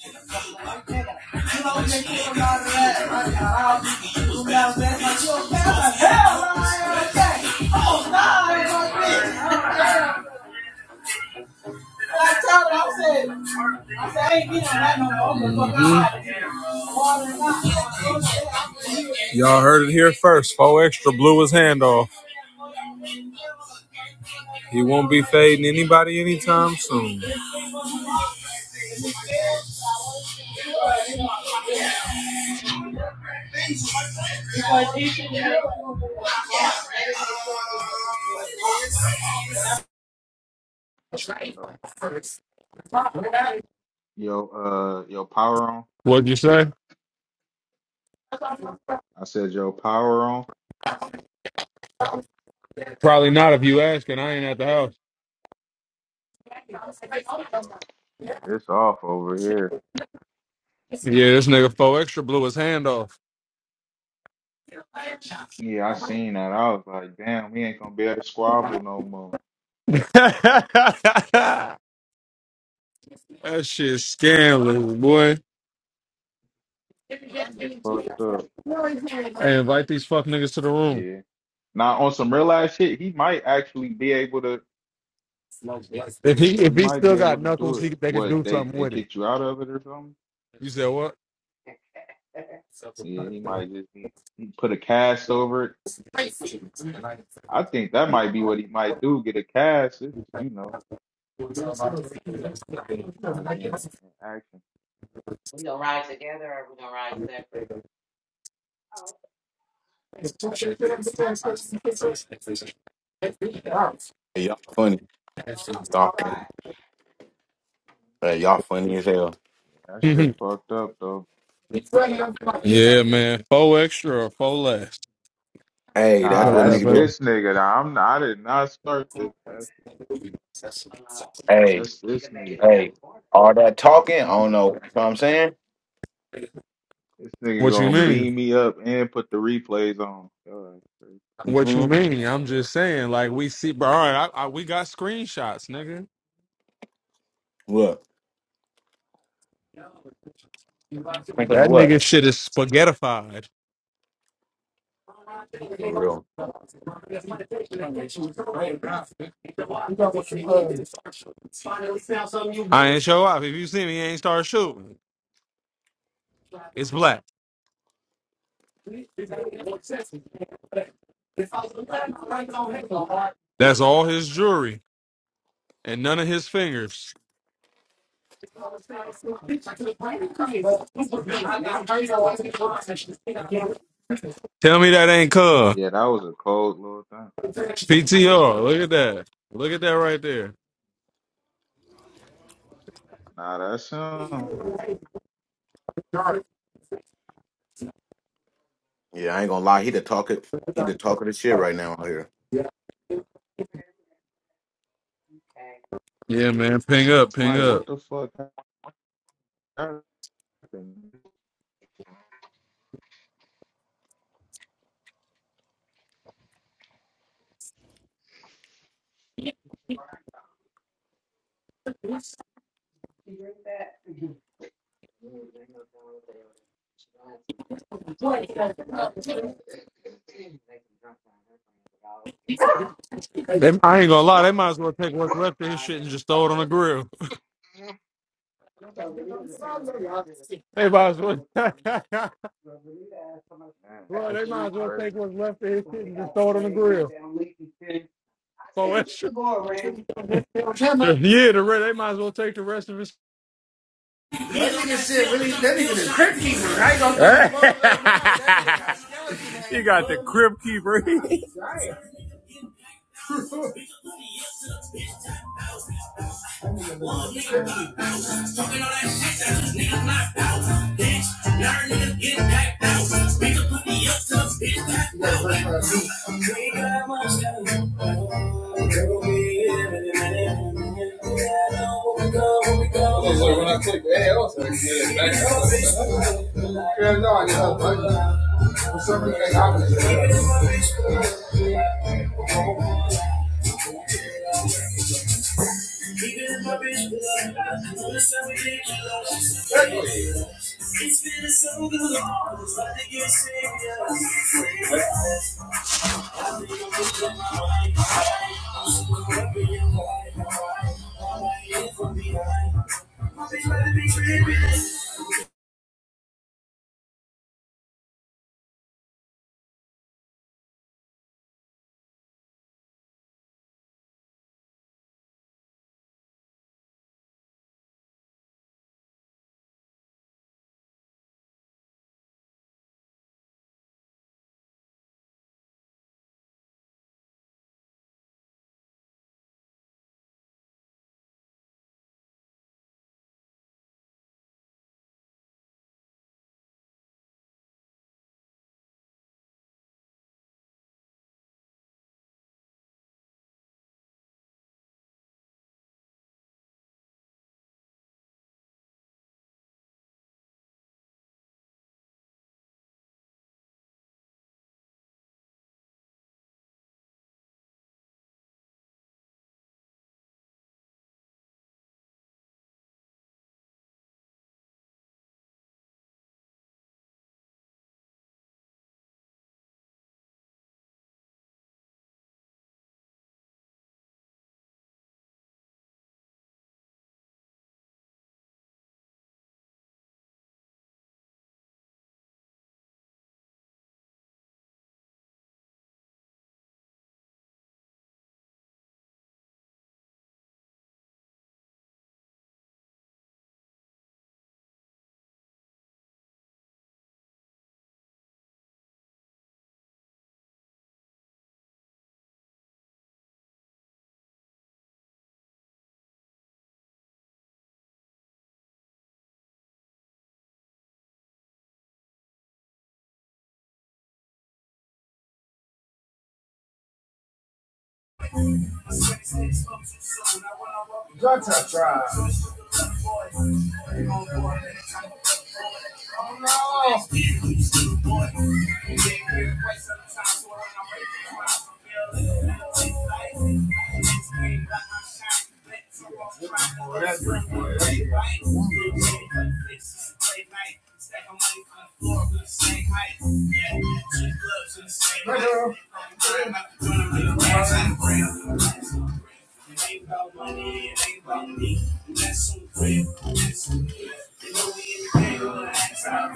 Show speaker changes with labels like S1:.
S1: You know like okay. Oh no, like no Y'all heard it here first. Four extra blew his hand off. He won't be fading anybody anytime soon.
S2: Yo, yo, uh, yo, power on.
S1: What'd you say?
S2: I said, yo, power on.
S1: Probably not if you ask, and I ain't at the house.
S2: Oh, shit, It's off over here.
S1: Yeah, this nigga four extra blew his hand off.
S2: Yeah, I seen that. I was like, damn, we ain't gonna be able to squabble no more.
S1: that shit scandalous, boy.
S2: That shit fucked up.
S1: Hey, invite these fuck niggas to the room.
S2: Yeah. Now on some real ass shit, he might actually be able to.
S1: If he if
S2: He
S1: he
S2: might be
S1: still
S2: able
S1: got
S2: to
S1: knuckles,
S2: do it.
S1: he they could
S2: What
S1: do
S2: they
S1: something
S2: they
S1: with it.
S2: kicked you out of it or something?
S1: You said what?
S2: Yeah, he might just he, he put a cast over it. I think that might be what he might do. Get a cast. It's, you know, he might be in, in action.
S3: Hey, y'all funny. Y'all, funny. hey, y'all funny as hell.
S2: That shit
S1: yeah,
S2: fucked up though.
S1: man. Four extra or four less.
S3: Hey, that's
S2: Nah,
S3: what
S2: that's
S3: nigga do.
S2: this nigga. Nah, I'm. I did not start this. That's
S3: Hey,
S2: that's this nigga.
S3: hey, all that talking, I don't know. You know what I'm saying?
S2: This nigga
S1: What you
S2: gonna
S1: mean?
S2: beam me up and put the replays on. God, that's crazy.
S1: What
S3: hmm
S1: you mean? I'm just saying, like we see, bro. All right, I, I, we got screenshots, nigga.
S3: What? I'm
S1: That
S3: what?
S1: nigga shit is spaghettified.
S3: For real.
S1: I ain't show up. If you see me, he ain't start shooting. It's black. That's all his jewelry and none of his fingers. Tell me that ain't cuz.
S2: Yeah, that was a cold little thing. That's
S1: PTR.
S2: cold.
S1: Look at that. Look at that right there.
S2: Nah, that's um.
S3: Yeah, I ain't gonna lie. He the talker. He the talker of the shit right now out here.
S1: Yeah, man. Ping up, ping
S2: Mike,
S1: up.
S2: what the fuck happened? Man,
S1: They, I ain't gonna lie. They might as well take what's left of his shit and just throw it on the grill. They might as well. Well,
S2: that's
S1: they might as well take
S2: crazy.
S1: what's left of his shit and just throw it on the grill. So extra. Yeah, the re They might as well take the rest of his. you got the crib keeper. Talking all that shit that these niggas not out. Bitch, nerd niggas get packed out. Beat the pussy up to the bitch packed out. Clean got my stuff. Girl, we in a minute. Yeah, I know where we go, where we go. Oh, so when I click A, I was like, yeah, back out. Yeah, no, I just have to. For some reason, I was. Even if my bitch below, I'm just so ridiculous. Hey. It's been so good, I was about to get serious. I think I'm losing your mind. I'm so caught up in your body. I'm right here from behind. My bitch better be tripping. Gutter Tribe. Oh no! Whatever. Girl.